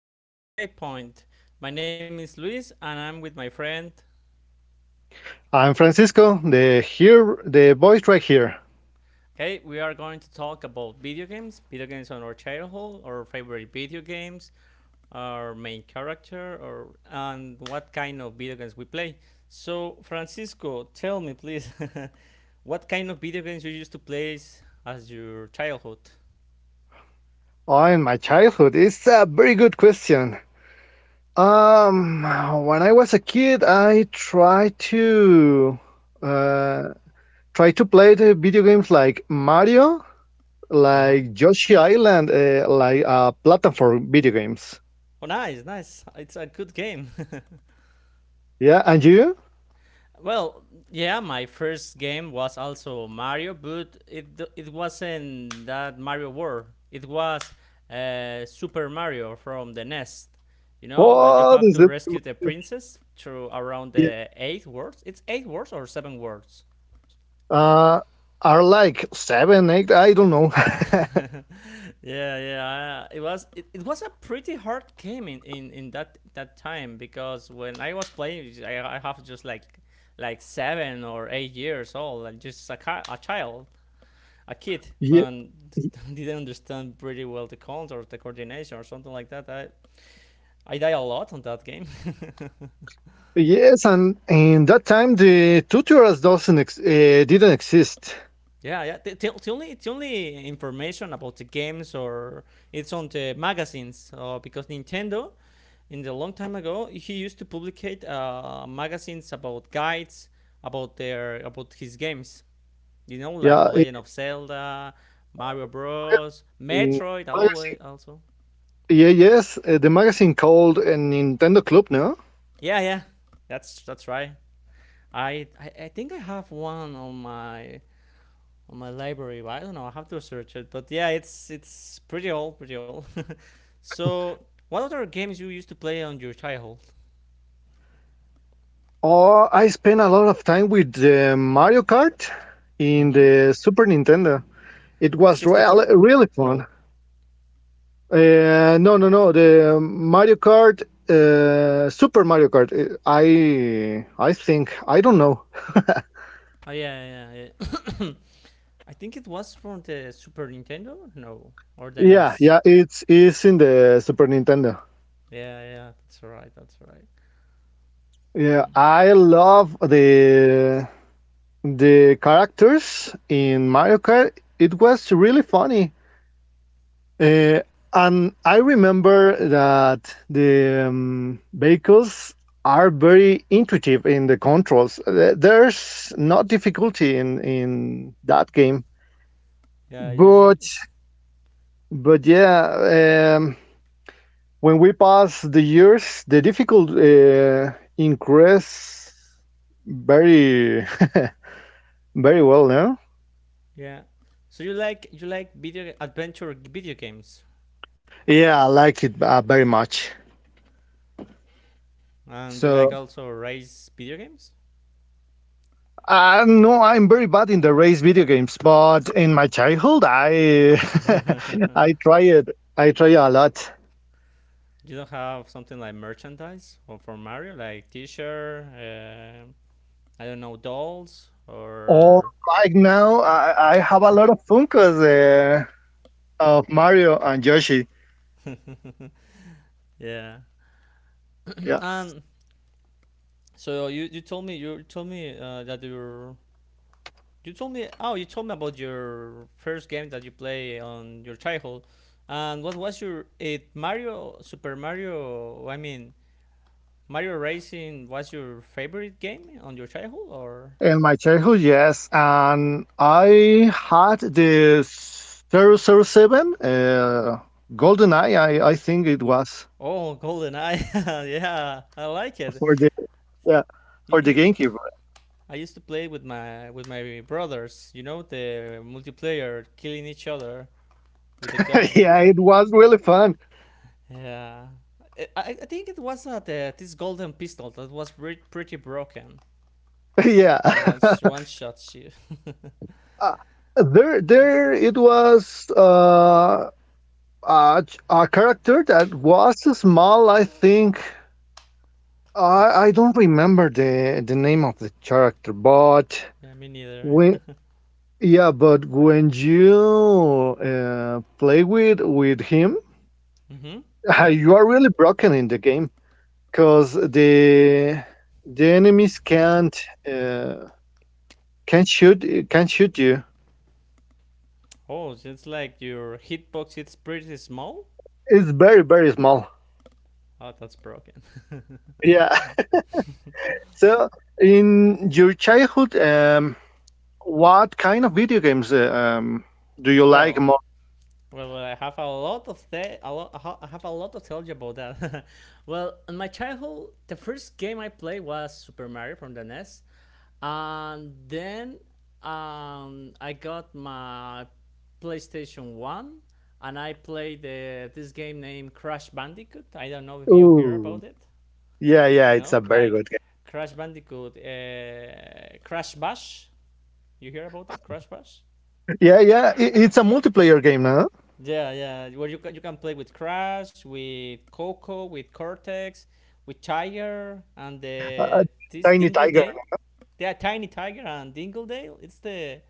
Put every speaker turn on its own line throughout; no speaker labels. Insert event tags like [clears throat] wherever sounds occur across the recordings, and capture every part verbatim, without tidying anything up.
welcome to Waypoint. My name is Luis and I'm with my friend.
I'm Francisco, the here the voice right here.
Okay, we are going to talk about video games, video games on our childhood, our favorite video games, our main character, or and what kind of video games we play. So Francisco, tell me please, [laughs] what kind of video games you used to play as your childhood?
Oh, in my childhood, it's a very good question. Um, when I was a kid, I tried to uh, try to play the video games like Mario,
Uh huh.
like Yoshi Island, uh, like uh, platform video games.
Oh, nice, nice. It's a good game. [laughs]
Yeah, and you?
Well, yeah, my first game was also Mario, but it d- it wasn't that Mario World. It was uh, Super Mario from the Nest. You know, when you
Oh,
have
the
to
Super
rescue the
Mario.
princess through around
Yeah,
the
yeah.
eight words. It's eight words or seven words.
Uh, are like seven, eight. I don't know.
[laughs] Yeah, yeah. I- It was it, it was a pretty hard game in, in, in that that time, because when I was playing, I, I have just like like seven or eight years old, like just a, ki- a child, a
[laughs]
kid,
Yeah.
but [laughs] didn't understand pretty well the cons or the coordination or something like that. I I die a lot on that game. [laughs]
Yes, and in that time the tutorials doesn't ex- uh, didn't exist.
Yeah, yeah. The, the, the only the only information about the games, or, it's on the magazines, uh, because Nintendo, in the long time ago, he used to publicate uh, magazines about guides about their about his games. You know, like The
Yeah,
Legend
uh,
of Zelda, Mario
the
Bros,
magazine,
Metroid.
the
Always
magazine.
also.
Yeah, yes, uh, the magazine called a Nintendo Club. No.
Yeah, yeah. That's that's right. I, I I think I have one on my on my library, but I don't know. I have to search it. But yeah, it's it's pretty old, pretty old. [laughs] So, what other games you used to play on your childhood?
Oh, I spent a lot of time with the Mario Kart in
Mm-hmm.
the Super Nintendo. It was real,
sixty four?
really fun.
No.
Uh, no, no, no, the Mario Kart, uh, Super Mario Kart. uh, I, I think. I don't know. [laughs]
Oh yeah, yeah, yeah. [coughs] I think it was from the Super Nintendo. No, or the
Yeah,
N E S.
yeah, it's it's in the Super Nintendo.
Yeah, yeah. That's right. That's right.
Yeah,
Mm.
I love the the characters in Mario Kart. It was really funny, uh, and I remember that the um, vehicles are very intuitive in the controls. Uh, There's not difficulty in in that game,
Yeah, you should,
but but yeah. Um, when we pass the years, the difficult uh, increase very [laughs] very well, no?
yeah. So you like you like video adventure video games,
Yeah, I like it uh, very much.
and you like
So
also race video games.
I know I'm very bad in the race video games, but in my childhood, I [laughs] I try it. I try a lot.
You don't have something like merchandise or for Mario, like T-shirt. Uh, I don't know, dolls,
Or
or
right now, I, I have a lot of Funkos uh, of Mario and Yoshi.
yeah.
Yeah.
And so you you told me, you told me uh, that you you told me, oh, you told me about your first game that you play on your childhood, and what was your it Mario, Super Mario, I mean Mario Racing, was your favorite game on your childhood, or
In my childhood, yes, and I had this zero zero seven, uh, Golden Eye. I, I think it was
oh, Golden Eye. [laughs] Yeah, I like it.
for the, yeah,
you
for the
you,
GameCube.
I used to play with my with my brothers. You know, the multiplayer, killing each other with the
[laughs]
guns.
Yeah, it was really fun.
Yeah, I, I think it was uh, the, this golden pistol that was re- pretty broken.
[laughs]
Not
Yeah.
on one sh-
[laughs]
one shot shoot. [laughs]
Uh, there there it was uh, a, ch- a character that was small. I think I I don't remember the the name of the character, but.
Yeah, me neither.
Yeah, but when you uh, play with with him,
Mhm.
uh,
Yeah.
you are really broken in the game because the the enemies can't uh, can't shoot can't shoot you.
Oh, so it's like your hitbox. It's pretty small.
It's very very small.
Oh, that's broken. [laughs]
Yeah. [laughs] So in your childhood, um, what kind of video games uh, um, do you like
well,
more?
Well, I have a lot of th- a lot, I have a lot to tell you about that. [laughs] Well, in my childhood, the first game I played was Super Mario from the N E S, and then um, I got my PlayStation One, and I played the, this game named Crash Bandicoot. I don't know if you hear about
Ooh.
it.
Yeah, yeah,
You
it's a
know,
very
like
good game.
Crash Bandicoot, uh, Crash Bash. You hear about that Crash Bash?
[laughs] Yeah, yeah, i- it's a multiplayer game, no?
Yeah, yeah. Where you can you can play with Crash, with Coco, with Cortex, with Tiger, and
Uh,
the
the
this
Tiny Tiger,
Dingledale.
no?
Yeah, Tiny Tiger and Dingledale. It's the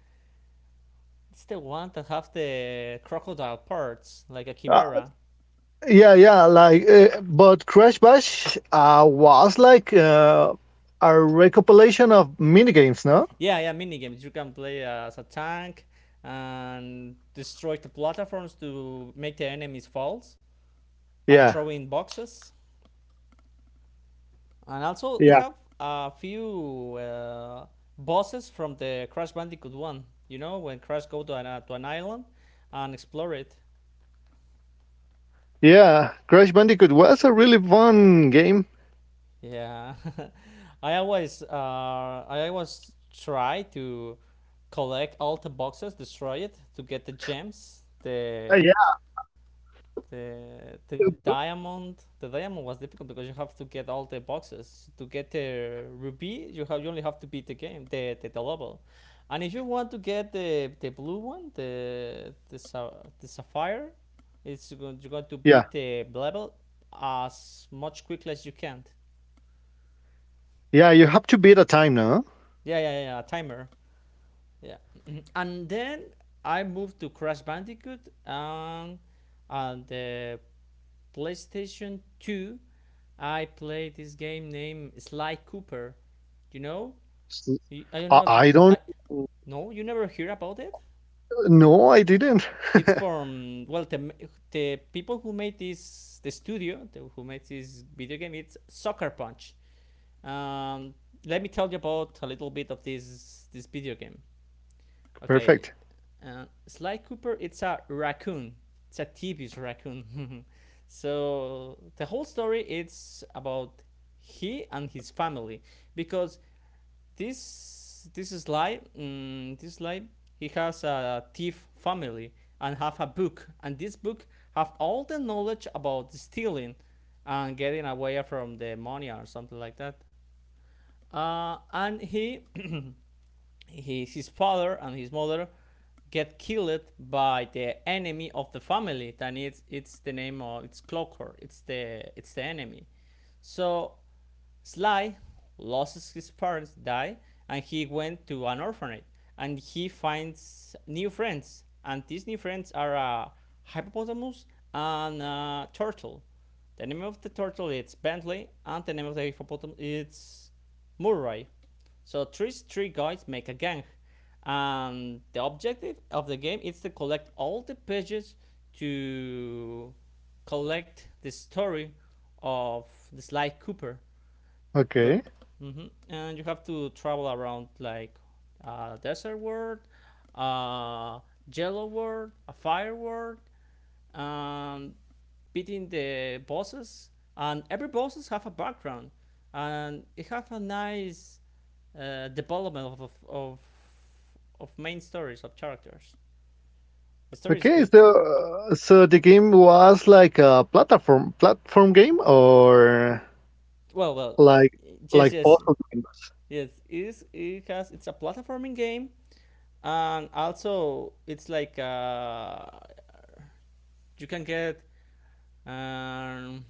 it's the one that have the crocodile parts, like a
Uh,
chimera.
Yeah, yeah, like, uh, but Crash Bash uh, was like uh, a recopilation of minigames, no?
Yeah, yeah. Mini games, you can play as a tank and destroy the platforms to make the enemies false and
Yeah,
throw in boxes. And also, they
yeah,
have a few uh, bosses from the Crash Bandicoot one. You know, when Crash go to an, uh, to an island and explore it.
yeah, Crash Bandicoot was a really fun game.
Yeah, [laughs] I always uh, I always try to collect all the boxes, destroy it to get the gems,
Uh,
the
yeah. Uh,
the the
but
diamond. The diamond was difficult because you have to get all the boxes to get the ruby, you have you only have to beat the game, the the, the level. And if you want to get the the blue one, the the, sa- the sapphire, it's going you're going to
yeah,
beat the level as much quickly as you can.
yeah, you have to beat a time, no?
Yeah, yeah, yeah, timer. Yeah. [clears throat] And then I moved to Crash Bandicoot, and and the PlayStation two, I played this game named Sly Cooper. You know?
s-
I I don't
I,
know if
I
you, I
don't.
no, you never hear about it.
No, I didn't.
It's from, well, the the people who made this, the studio the, who made this video game. It's Soccer Punch. Um, Let me tell you about a little bit of this this video game.
[laughs]
Okay.
Perfect.
uh, Sly Cooper. It's a raccoon. It's a T V's raccoon. [laughs] So the whole story, it's about he and his family, because This this Sly, mm, this Sly, he has a thief family and have a book, and this book have all the knowledge about stealing and getting away from the money or something like that. Uh, and he [clears throat] He, his father and his mother get killed by the enemy of the family. Then it's it's the name of it's Clocker. It's the it's the enemy. So Sly loses his parents, die, and he went to an orphanage and he finds new friends. And these new friends are a hippopotamus and a turtle. The name of the turtle is Bentley, and the name of the hippopotamus is Murray. So three three guys make a gang, and the objective of the game is to collect all the pages to collect the story of the Sly Cooper,
Okay.
but mhm. And you have to travel around, like a desert world, a yellow world, a fire world, and beating the bosses. And every bosses have a background, and it have a nice uh, development of, of of of main stories of characters. The story is
Okay.
good.
So, uh, so the game was like a platform platform game, or
Well, well,
like
yes,
like
yes,
puzzle games.
yes. It is. It has. It's a platforming game, and also it's like uh, you can get, um,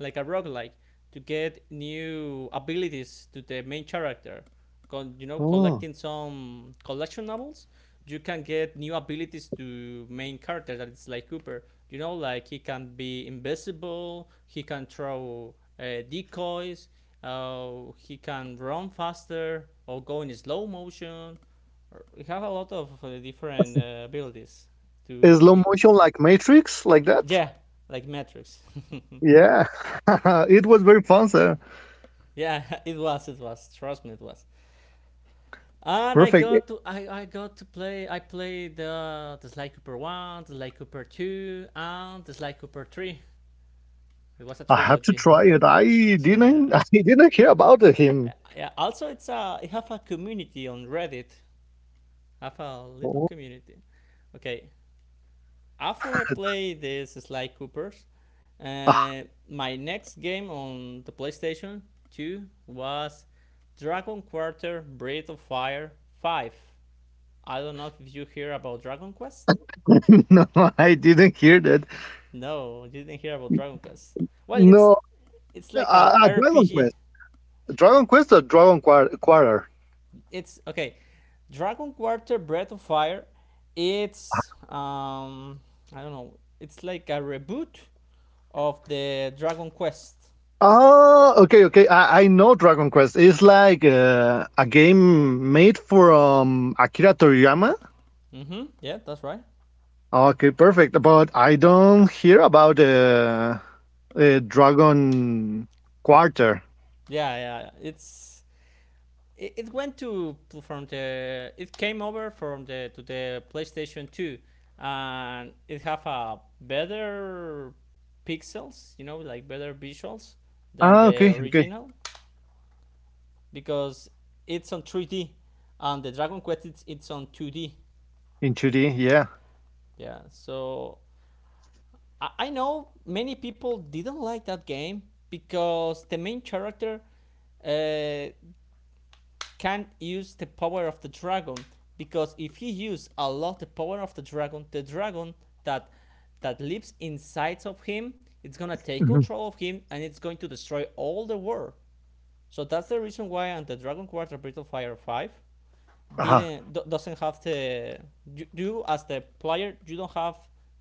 like a roguelike, to get new abilities to the main character. Con- you know collecting some collection novels, you can get new abilities to main character that is like Cooper. You know like he can be invisible, he can throw uh, decoys. Uh, he can run faster or go in slow motion. We have a lot of uh, different uh, abilities to
Is slow
kick.
motion like Matrix, like that?
Yeah, like Matrix.
Yeah, [laughs] it was very fun, sir.
[laughs] Yeah, it was, it was. Trust me, it was. And I
Perfect.
got to, I, I got to play. I played uh, the Sly Cooper one, the Sly Cooper two, and the Sly Cooper three. It was a
I have to
trilogy.
try it. I didn't. [laughs] I
[laughs]
didn't hear about him.
Yeah, yeah. Also, it's a. It have a community on Reddit. Have a little
Oh,
community. Okay.
[laughs]
After I
that.
play this Sly Coopers,
Ah,
uh, my next game on the PlayStation two was Dragon Quarter Breath of Fire five. I don't know if you hear about Dragon Quest.
[laughs] no, I didn't hear that.
No, you didn't hear about Dragon Quest. Well, it's
No,
it's
uh,
like an
uh, Dragon
R P G.
Quest. Dragon Quest or Dragon Quar- Quarter.
It's okay. Dragon Quarter Breath of Fire.
Uh-huh.
It's, um I don't know. It's like a reboot of the Dragon Quest.
Oh, okay, okay. I, I know Dragon Quest. It's like uh, a game made from Akira Toriyama.
Mhm. Yeah, that's right.
Okay, perfect. But I don't hear about uh, uh, Dragon Quarter.
Yeah, yeah. It's it, it went, to pl- from the it came over from the to the PlayStation two, and it have a better pixels, you know, like better visuals than
Ah,
the
okay, okay.
original, because it's on three D, and the Dragon Quest, it's, it's on two D.
In two D, yeah.
Yeah. So I, I know many people didn't like that game because the main character uh, can't use the power of the dragon, because if he use a lot the power of the dragon, the dragon that that lives inside of him, it's gonna take
Mhm.
control of him and it's going to destroy all the world. So that's the reason why on the Dragon Quarter Brittle Fire Five
Ah,
didn't do, doesn't have the, you, you as the player, you don't have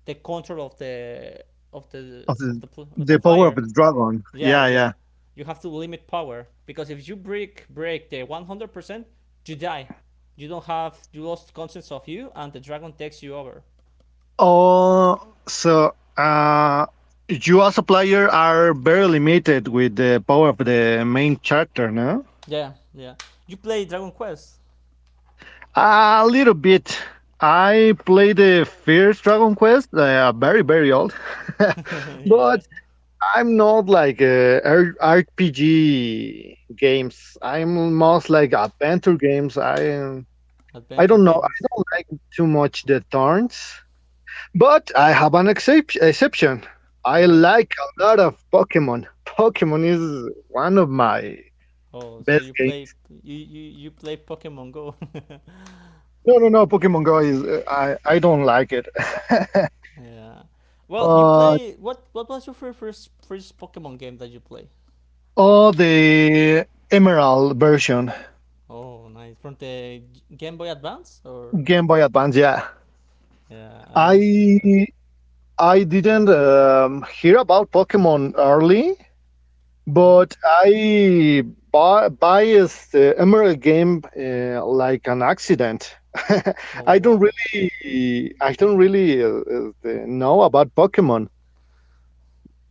the control of the, of the
of
of
the,
the of the
the power of
flyer.
the dragon.
Yeah,
Yeah, yeah.
yeah. You have to limit power because if you break break the one hundred percent, you die. You don't have You lost conscience of you, and the dragon takes you over.
Oh, so uh, you as a player are very limited with the power of the main character, no?
Yeah, yeah. You play Dragon Quest.
A little bit. I played the first Dragon Quest, uh, very, very old,
[laughs]
[laughs]
Yeah,
but I'm not like uh, R- RPG games. I'm most like adventure games. I um, I
adventure
don't know. I
games.
don't like too much the turns, but I have an excep- exception. I
Okay.
like a lot of Pokemon. Pokemon is one of my
Oh, so you
best
play
games.
you you, you play Pokemon Go.
No, no, no. Pokemon Go is, uh, I I don't like it. [laughs]
[laughs] Yeah. Well, you
But
play what what was your fir- first first Pokemon game that you play?
oh, the Emerald version,
Oh, nice. From the Game Boy Advance, or
Game Boy Advance. Yeah,
yeah, I used to have it.
I I didn't um, hear about Pokemon early,
Mhm.
but I buy buy the Emerald game uh, like an accident.
Oh,
[laughs] I don't
wow.
really I don't really uh, uh, the- know about Pokemon.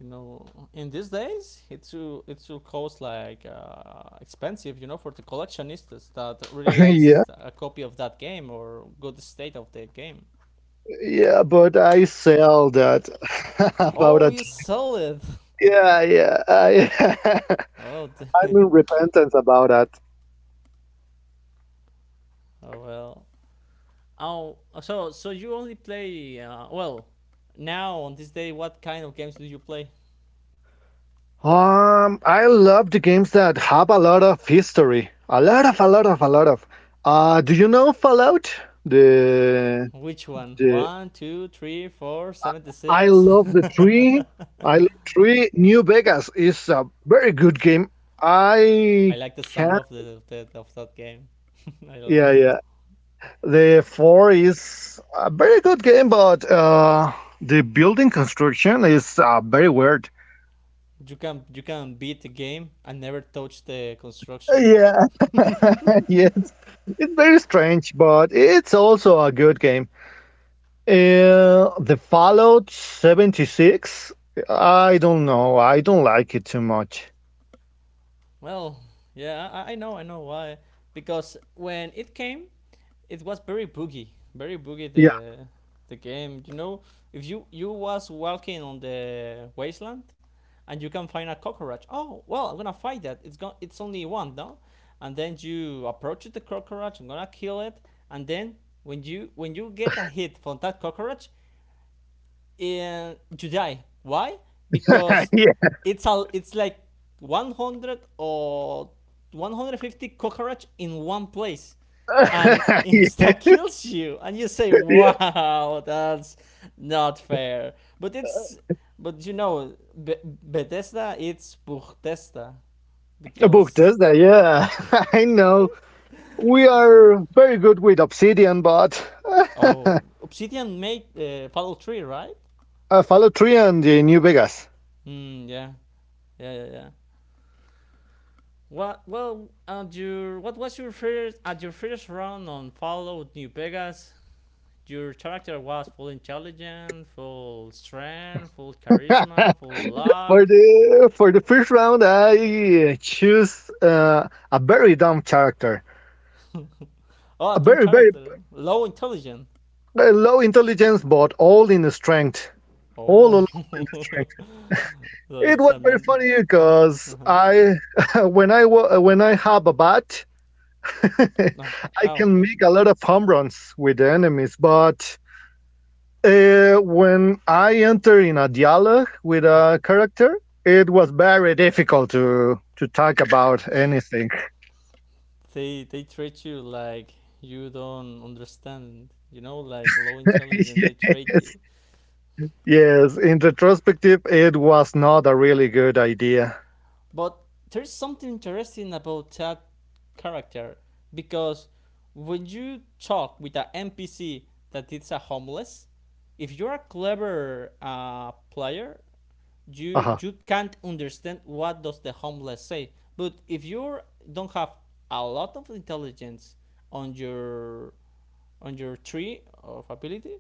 you know in these days, it will it will cost, like uh, expensive, you know for the collectionists that really
[laughs]
likes
Yeah,
a copy of that game or good state of the game.
yeah, but I sell that [laughs] about
Oh,
a
you
time.
sell it.
Yeah, yeah, I,
[laughs] Oh, d-
[laughs] I'm in repentance about that.
oh, well. Oh, so so you only play, uh, well, now on this day, what kind of games do you play?
Um, I love the games that have a lot of history. A lot of, a lot of, a lot of. Uh, do you know Fallout? The
Which one?
the
One, two, three, four,
uh,
seventy
I
six.
love the
[laughs]
three. I love three. New Vegas is a very good game.
I
I
like the song of the,
can.
of the of that game. [laughs] I love
Yeah, yeah. The four is a very good game, but uh, the building construction is uh, very weird.
you can you can beat the game and never touch the construction.
Yeah, [laughs] yeah. It's very strange, but it's also a good game. Uh, the Fallout seventy-six, I don't know. I don't like it too much.
Well, yeah, I, I know, I know why. Because when it came, it was very boogie, very boogie
Yeah.
the the game. You know, if you you was walking on the wasteland and you can find a cockroach. Oh well, I'm gonna fight that. It's gone. It's only one, no. And then you approach the cockroach. I'm gonna kill it. And then when you when you get a hit from that cockroach, in July. Why?
[laughs]
Because
Yeah.
it's all it's like one hundred or one hundred fifty cockroach in one place and [laughs]
[laughs] Yeah.
insta kills you and you say,
Yeah.
wow, that's not fair. But it's, but you know, Be- bethesda, it's Bethesda
Book
because
Tesla, yeah. [laughs] I know. We are very good with Obsidian, but
oh,
[laughs]
Obsidian made uh, Fallout three, right?
uh, Fallout three and uh, New Vegas.
Mm, yeah, yeah yeah yeah What, well at your what was your first at your first run on Fallout New Vegas? Your character was full intelligence, full strength, full
[laughs]
charisma, full
for
luck.
the for the first round, I choose uh, a very dumb character, a
Oh, dumb
very very
character, low intelligence.
a low intelligence, but all in the strength, all
Oh,
all, all in the strength.
[laughs] so
It
it's
was
a
very
man.
funny because
Uh-huh.
I, [laughs] when I wa- when I have a bat, [laughs]
Ah,
I
ah,
can
okay.
make a lot of home runs with the enemies. But uh, when I enter in a dialogue with a character, it was very difficult to to talk about anything.
They they treat you like you don't understand. You know, like low
[laughs]
intelligence. They treat
Yes,
you.
yes. In retrospective, it was not a really good idea.
But there's something interesting about that character, because when you talk with an N P C that it's a homeless, if you're a clever uh, player,
Uh
you
huh.
you can't understand what does the homeless say. But if you don't have a lot of intelligence on your on your tree of ability,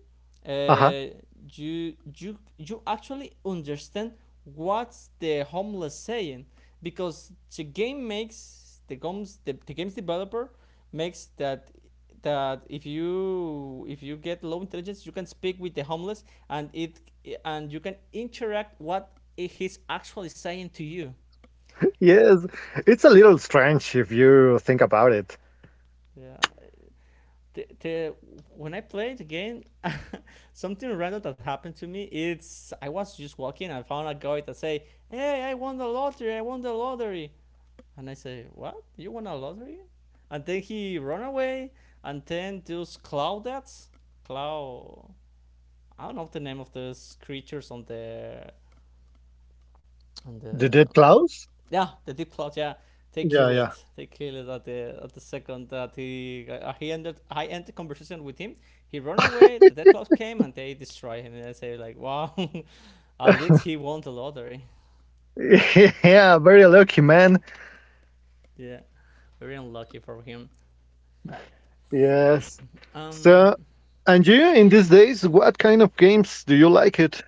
Uh huh.
uh, you you you actually understand what's the homeless saying, because the game makes the games the, the games developer makes that, that if you if you get low intelligence, you can speak with the homeless, and it and you can interact what he's actually saying to you.
Yes, it's a little strange if you think about it.
Yeah, the, the, when I played the game, something random that happened to me, it's I was just walking and I found a guy that say, hey, I won the lottery, I won the lottery. And I say, what, you won a lottery? And then he run away. And then those cloudets cloud I don't know the name of those creatures on the on
The
the
dead clouds?
Yeah, the deep yeah, they
Yeah,
kill
yeah.
it, they kill it at the at the second that he uh, he ended I ended the conversation with him. He ran away, the dead came and they destroy him, and I say like, wow, [laughs] at least he won the lottery.
[laughs] Yeah, very lucky, man.
Yeah, very unlucky for him.
Yes.
um
So, and you in these days, what kind of games do you like it?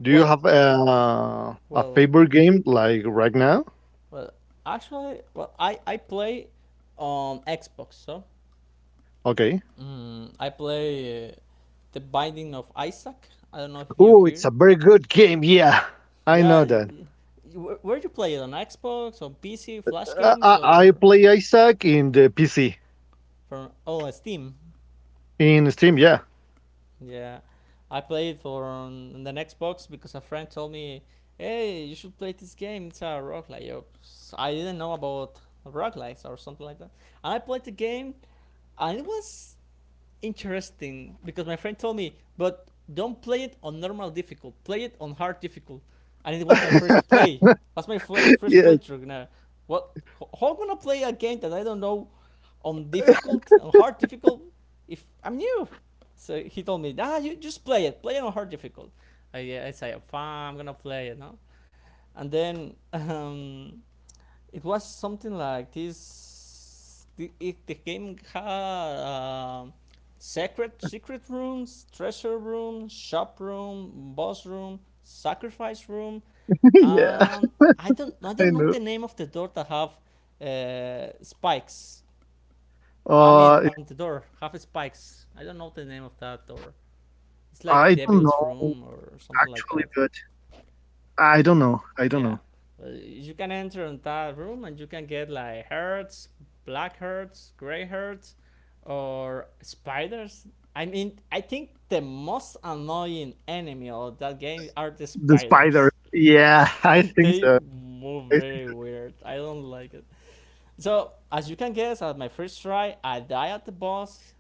Do you
well
have a, a
well
favorite game like right now?
well actually, well I I play on Xbox, so
Okay.
mm, I play uh, The Binding of Isaac. I don't know if you
Oh,
hear.
it's a very good game. Yeah. I know
Yeah,
that.
where where'd you play it, on Xbox, on P C, Flash
I,
games,
I I
or
play Isaac in the P C
from, oh, Steam?
in Steam. Yeah.
Yeah, I played it for on the Xbox because a friend told me, "Hey, you should play this game. It's a rock like." I didn't know about rock lights or something like that, and I played the game, and it was interesting because my friend told me, but don't play it on normal difficult. Play it on hard difficult, and it was my first play. That's my play,
[laughs]
first
Yes.
playthrough. Now, what? ho- How am I gonna play a game that I don't know on difficult, on hard difficult? If I'm new, so he told me, ah, you just play it. Play it on hard difficult. I, I say, fine, I'm gonna play it, no? And then [laughs] um, it was something like this. The, it, the game had uh, secret secret rooms, treasure room, shop room, boss room, sacrifice room,
[laughs] Yeah.
and I don't I
I
don't know the
know.
name of the door that have uh, spikes. I mean,
Uh,
on the door have spikes. I don't know the name of that door. It's like
I don't
Devil's Room
know
or something like
actually,
that.
but I don't know. I don't know.
Yeah, Uh, you can enter in that room and you can get like herds, black herds, gray herds, or spiders. I mean, I think the most annoying enemy of that game are the
The
spiders.
spiders. Yeah, [laughs] I
[laughs]
think
They
so.
move
I think
very
so too.
weird. I don't like it. So, as you can guess, at my first try, I die at the boss.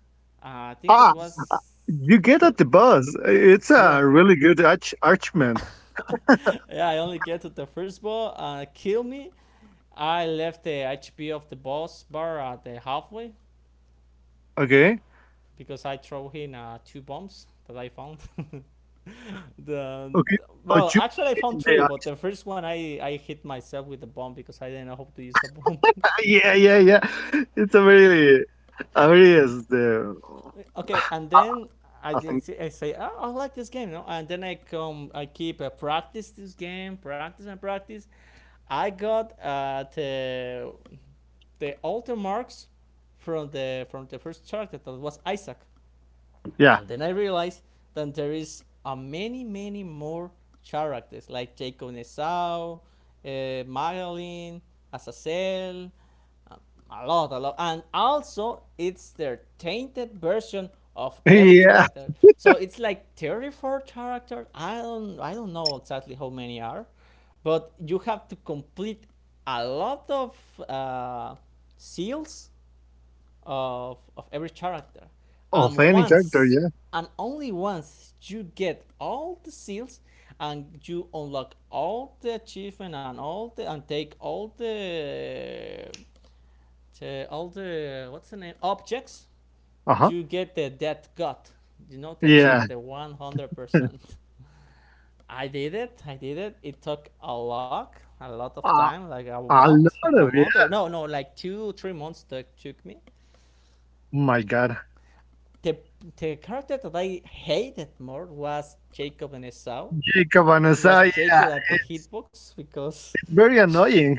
Uh, I think it
Ah,
was
you get
the
at the boss. It's
yeah.
a really good arch archman
[laughs]
[laughs]
Yeah, I only
because
get to the first boss, uh, kill me, I left the H P of the boss bar at the halfway
okay,
because I throw him uh, two bombs that I found. [laughs] the the
okay, but
well,
you
actually I
played
found
the
three, but the
ice.
first one I I hit myself with the bomb because I didn't know how to use a bomb.
[laughs] Yeah, yeah, yeah. It's a really, a really is the.
[laughs] Okay, and
I, I
then I
I
did
think that,
I say, oh, I like this game, you know, and then I come I keep uh, practice this game, practice and practice. I got uh, the the alter marks from the from the first character, that was Isaac.
yeah,
And then I realized that there is a many many more characters like Jacob Nesau, uh, Magdalene, Azazel, uh, a lot, a lot, and also it's their tainted version of every
[laughs] yeah.
character. So it's like thirty-four characters. I don't I don't know exactly how many are, but you have to complete a lot of uh, seals of of every character. And
Of any character,
once
yeah.
and only once you get all the seals and you unlock all the achievement and all the and take all the, the all the what's the name objects,
Uh huh.
you get the death god, you know, the
Yeah.
achievement, the one hundred percent. I did it, I did it. It took a lot, a lot of
A,
time, like a
a
month,
lot
a
of,
month, or
yeah.
no, no, like two three months that took me.
My God.
the the character that I hated more was Jacob and Esau.
Jacob and
It
Esau,
was
yeah,
Jacob at the
it's
hitbox because
it's very annoying.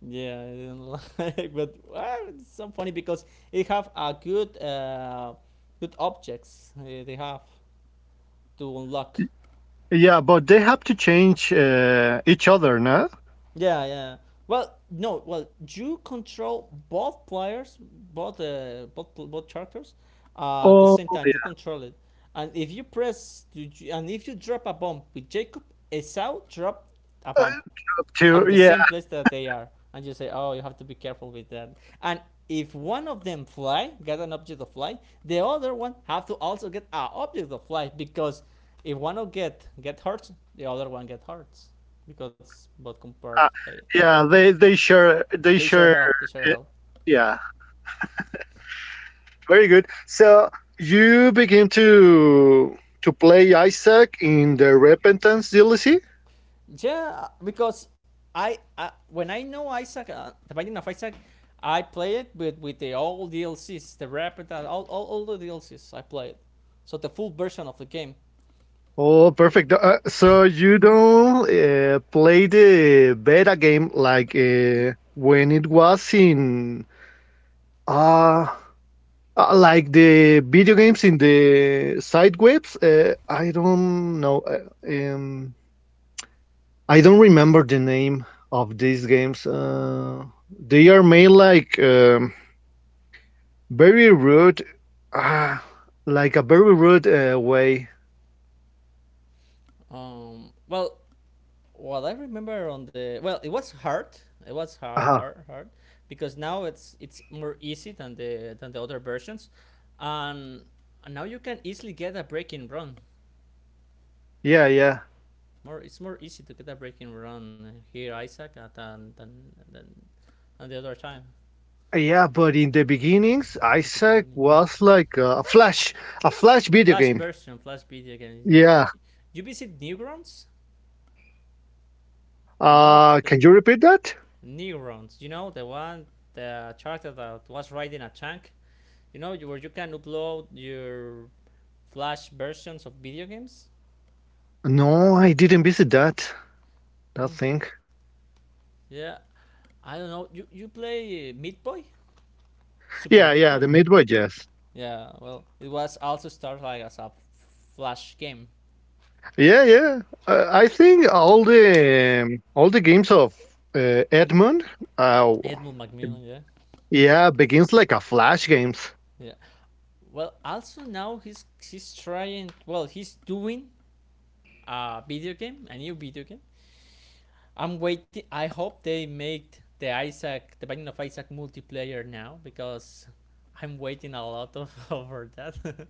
yeah, I didn't [laughs] like. But well, it's so funny because it have a good uh, good objects uh, they have to unlock.
Yeah, but they have to change uh, each other, no?
Yeah, yeah. yeah. Well, no. Well, you control both players, both uh, both pl- both characters, uh, at the same
Oh
time. You
yeah,
control it, and if you press, to, and if you drop a bomb with Jacob, Esau drop a
uh,
bomb
drop
on
two.
the same
Yeah,
place that they are, and you say, oh, you have to be careful with that. And if one of them fly get an object of fly, the other one have to also get an object of fly, because if one of get get hurt, the other one get hurts, because both compared,
uh,
hey,
yeah. They they share they
they share health they
share.
share
Uh,
health.
yeah, very good. So you begin to to play Isaac in the Repentance D L C.
Yeah, because I uh, when I know Isaac, uh, the Binding of Isaac, I play it with with the all D L Cs, the rapid all, all, all the D L Cs I play it, so the full version of the game.
Oh, perfect. Uh, so you don't uh, play the beta game like uh, when it was in Uh, uh, like the video games in the side webs. Uh, I don't know. uh, Um, I don't remember the name of these games. Uh, they are made like um, very rude, uh, like a very rude uh, way.
Um, well, what I remember on the, well, it was hard. It was ha-
Uh-huh.
hard, hard, because now it's it's more easy than the than the other versions, and, and now you can easily get a breaking run.
Yeah, yeah.
More, it's more easy to get a breaking run here, Isaac, uh, than than than, than the other time
Yeah, but in the beginnings,
at the
Isaac
beginning. Yeah,
was like a flash, a flash video
Flash
game.
version, Flash video games. Yeah,
Yeah.
you, you visit Neurons. You know
Uh,
the
can you repeat that?
Neurons. You know the one, the character that was riding a tank, you know, where you can upload your flash versions of video games.
No, I didn't visit that. That
mm,
thing.
yeah, I don't know, you you play Meat Boy, Super
Yeah,
Meat
yeah, the
Boy.
Meat Boy Jazz.
Yeah, well, it was also started like as a flash game.
Yeah, yeah. Uh, I think all the um, all the games of uh, Edmund, uh,
Edmund macmillan yeah.
yeah, begins like a Flash games.
Yeah, well also now he's he's trying, well, he's doing a video game, a new video game. I'm waiting, I hope they make the Isaac, the Binding of Isaac multiplayer now, because I'm waiting a lot of [laughs] over that. [laughs]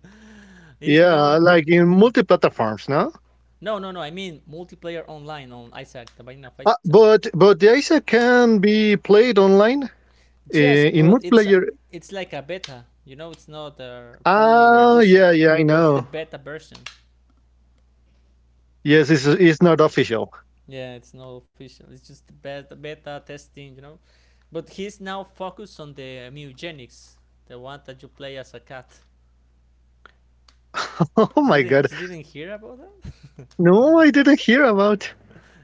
There's no,
Yeah, like in multi-platforms, no?
no, no, no. I mean multiplayer online on Isaac, the Binding of
Uh,
Isaac.
but but the I S A can be played online uh,
Just,
in
but it's
multiplayer.
it's like a beta. You know, it's not uh, fully
Ah,
released.
yeah, yeah, I
It's the
know.
beta version.
Yes, it's it's not official.
Yeah, it's not official. It's just the beta, beta testing. You know, but he's now focused on the Mutagenics, the one that you play as a cat.
[laughs] Oh
You
my god,
didn't, you didn't hear about that?
no, I didn't hear about.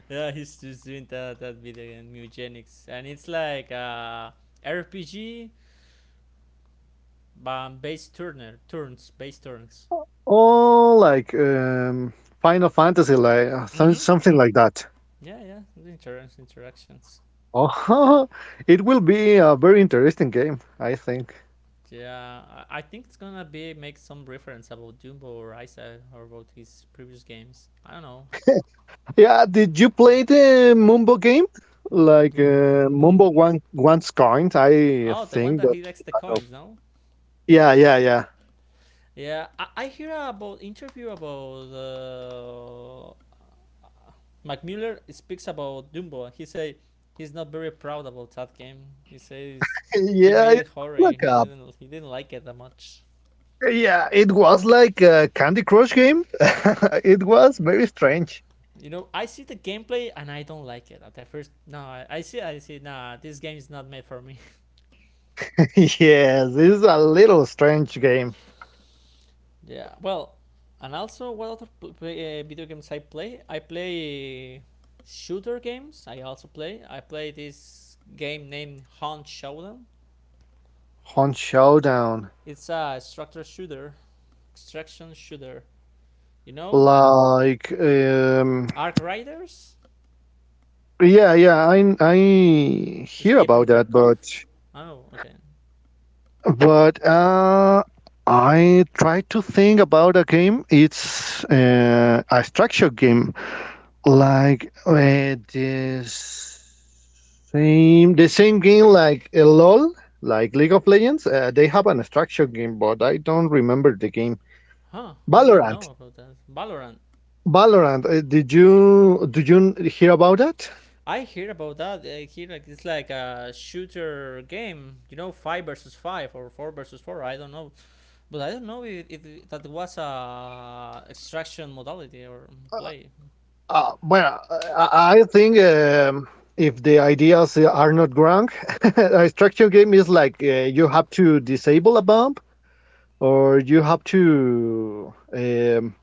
Yeah, he's just doing that that video game Mutagenics, and it's like a R P G, but based turner turns, based turns.
Oh, like um, Final Fantasy, like uh, some-
Mm-hmm.
something like that.
Yeah, yeah. The inter- interactions.
Oh, [laughs] it will be a very interesting game, I think.
Yeah, I I think it's gonna be make some reference about Dumbo or Isa or about his previous games. I don't know.
Yeah, did you play the Mumbo game? Like
Dumbo,
uh, Mumbo
Mumbo.
One Once Coined, I
Oh, the one
think
that he
that's
likes
the
the
title.
coins, no?
Yeah, yeah, yeah.
Yeah, I, I hear about interview about uh, Mac Miller speaks about Dumbo. He say he's not very proud about that game. He says
[laughs]
he
Yeah,
made
it
it
was
horror.
like
He
a,
didn't he didn't like it that much.
yeah, it was like a Candy Crush game. [laughs] It was very strange.
You know, I see the gameplay and I don't like it at the first. No, I, I see, I see. Nah, this game is not made for me. [laughs]
[laughs] Yes, this is a little strange game.
Yeah. Well, and also, what other play, uh, video games I play? I play shooter games. I also play. I play this game named Hunt Showdown.
Hunt Showdown.
It's a structure shooter, extraction shooter. You know,
Like um
Ark Riders,
yeah, yeah, I I hear
Escape from
about that,
Tarkov.
but.
Oh, okay.
But uh, I try to think about a game. It's uh, a structure game, like uh, this same the same game like uh, LOL, like League of Legends. Uh, they have an structure game, but I don't remember the game.
Huh? I didn't
Valorant.
know about that. Valorant.
Valorant. Uh, did you did you hear about that?
I hear about that. I hear like it's like a shooter game, you know, five versus five or four versus four. I don't know, but I don't know if, if that was a extraction modality or play.
Uh, well, I I think um, if the ideas are not wrong, [laughs] a structure game is like uh, you have to disable a bomb, or you have to um,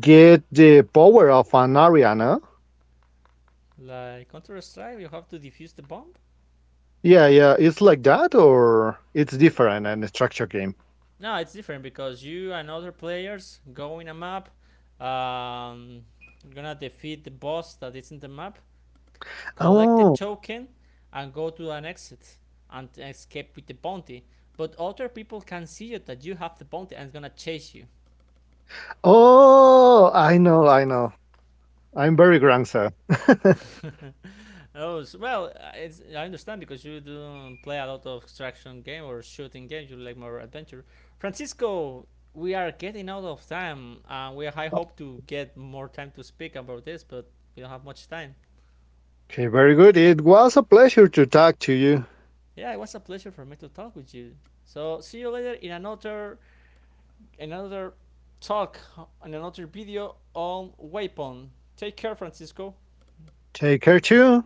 get the power of an area, no?
Like Counter Strike, you have to defuse the bomb.
Yeah, yeah, it's like that or it's different in a structure game.
No, it's different because you and other players go in a map. Um, you're gonna defeat the boss that is in the map, collect the
Oh,
token, and go to an exit, and escape with the bounty. But other people can see it that you have the bounty and it's gonna chase you.
oh, I know, I know. I'm very grand, sir. [laughs]
[laughs] Oh, s- well, uh, it's, I understand because you don't play a lot of extraction game or shooting games. You like more adventure. Francisco, we are getting out of time, and uh, we I hope to get more time to speak about this, but we don't have much time.
Okay, very good. It was a pleasure to talk to you.
Yeah, it was a pleasure for me to talk with you. So see you later in another another talk and another video on Weapon. Take care, Francisco.
Take care too.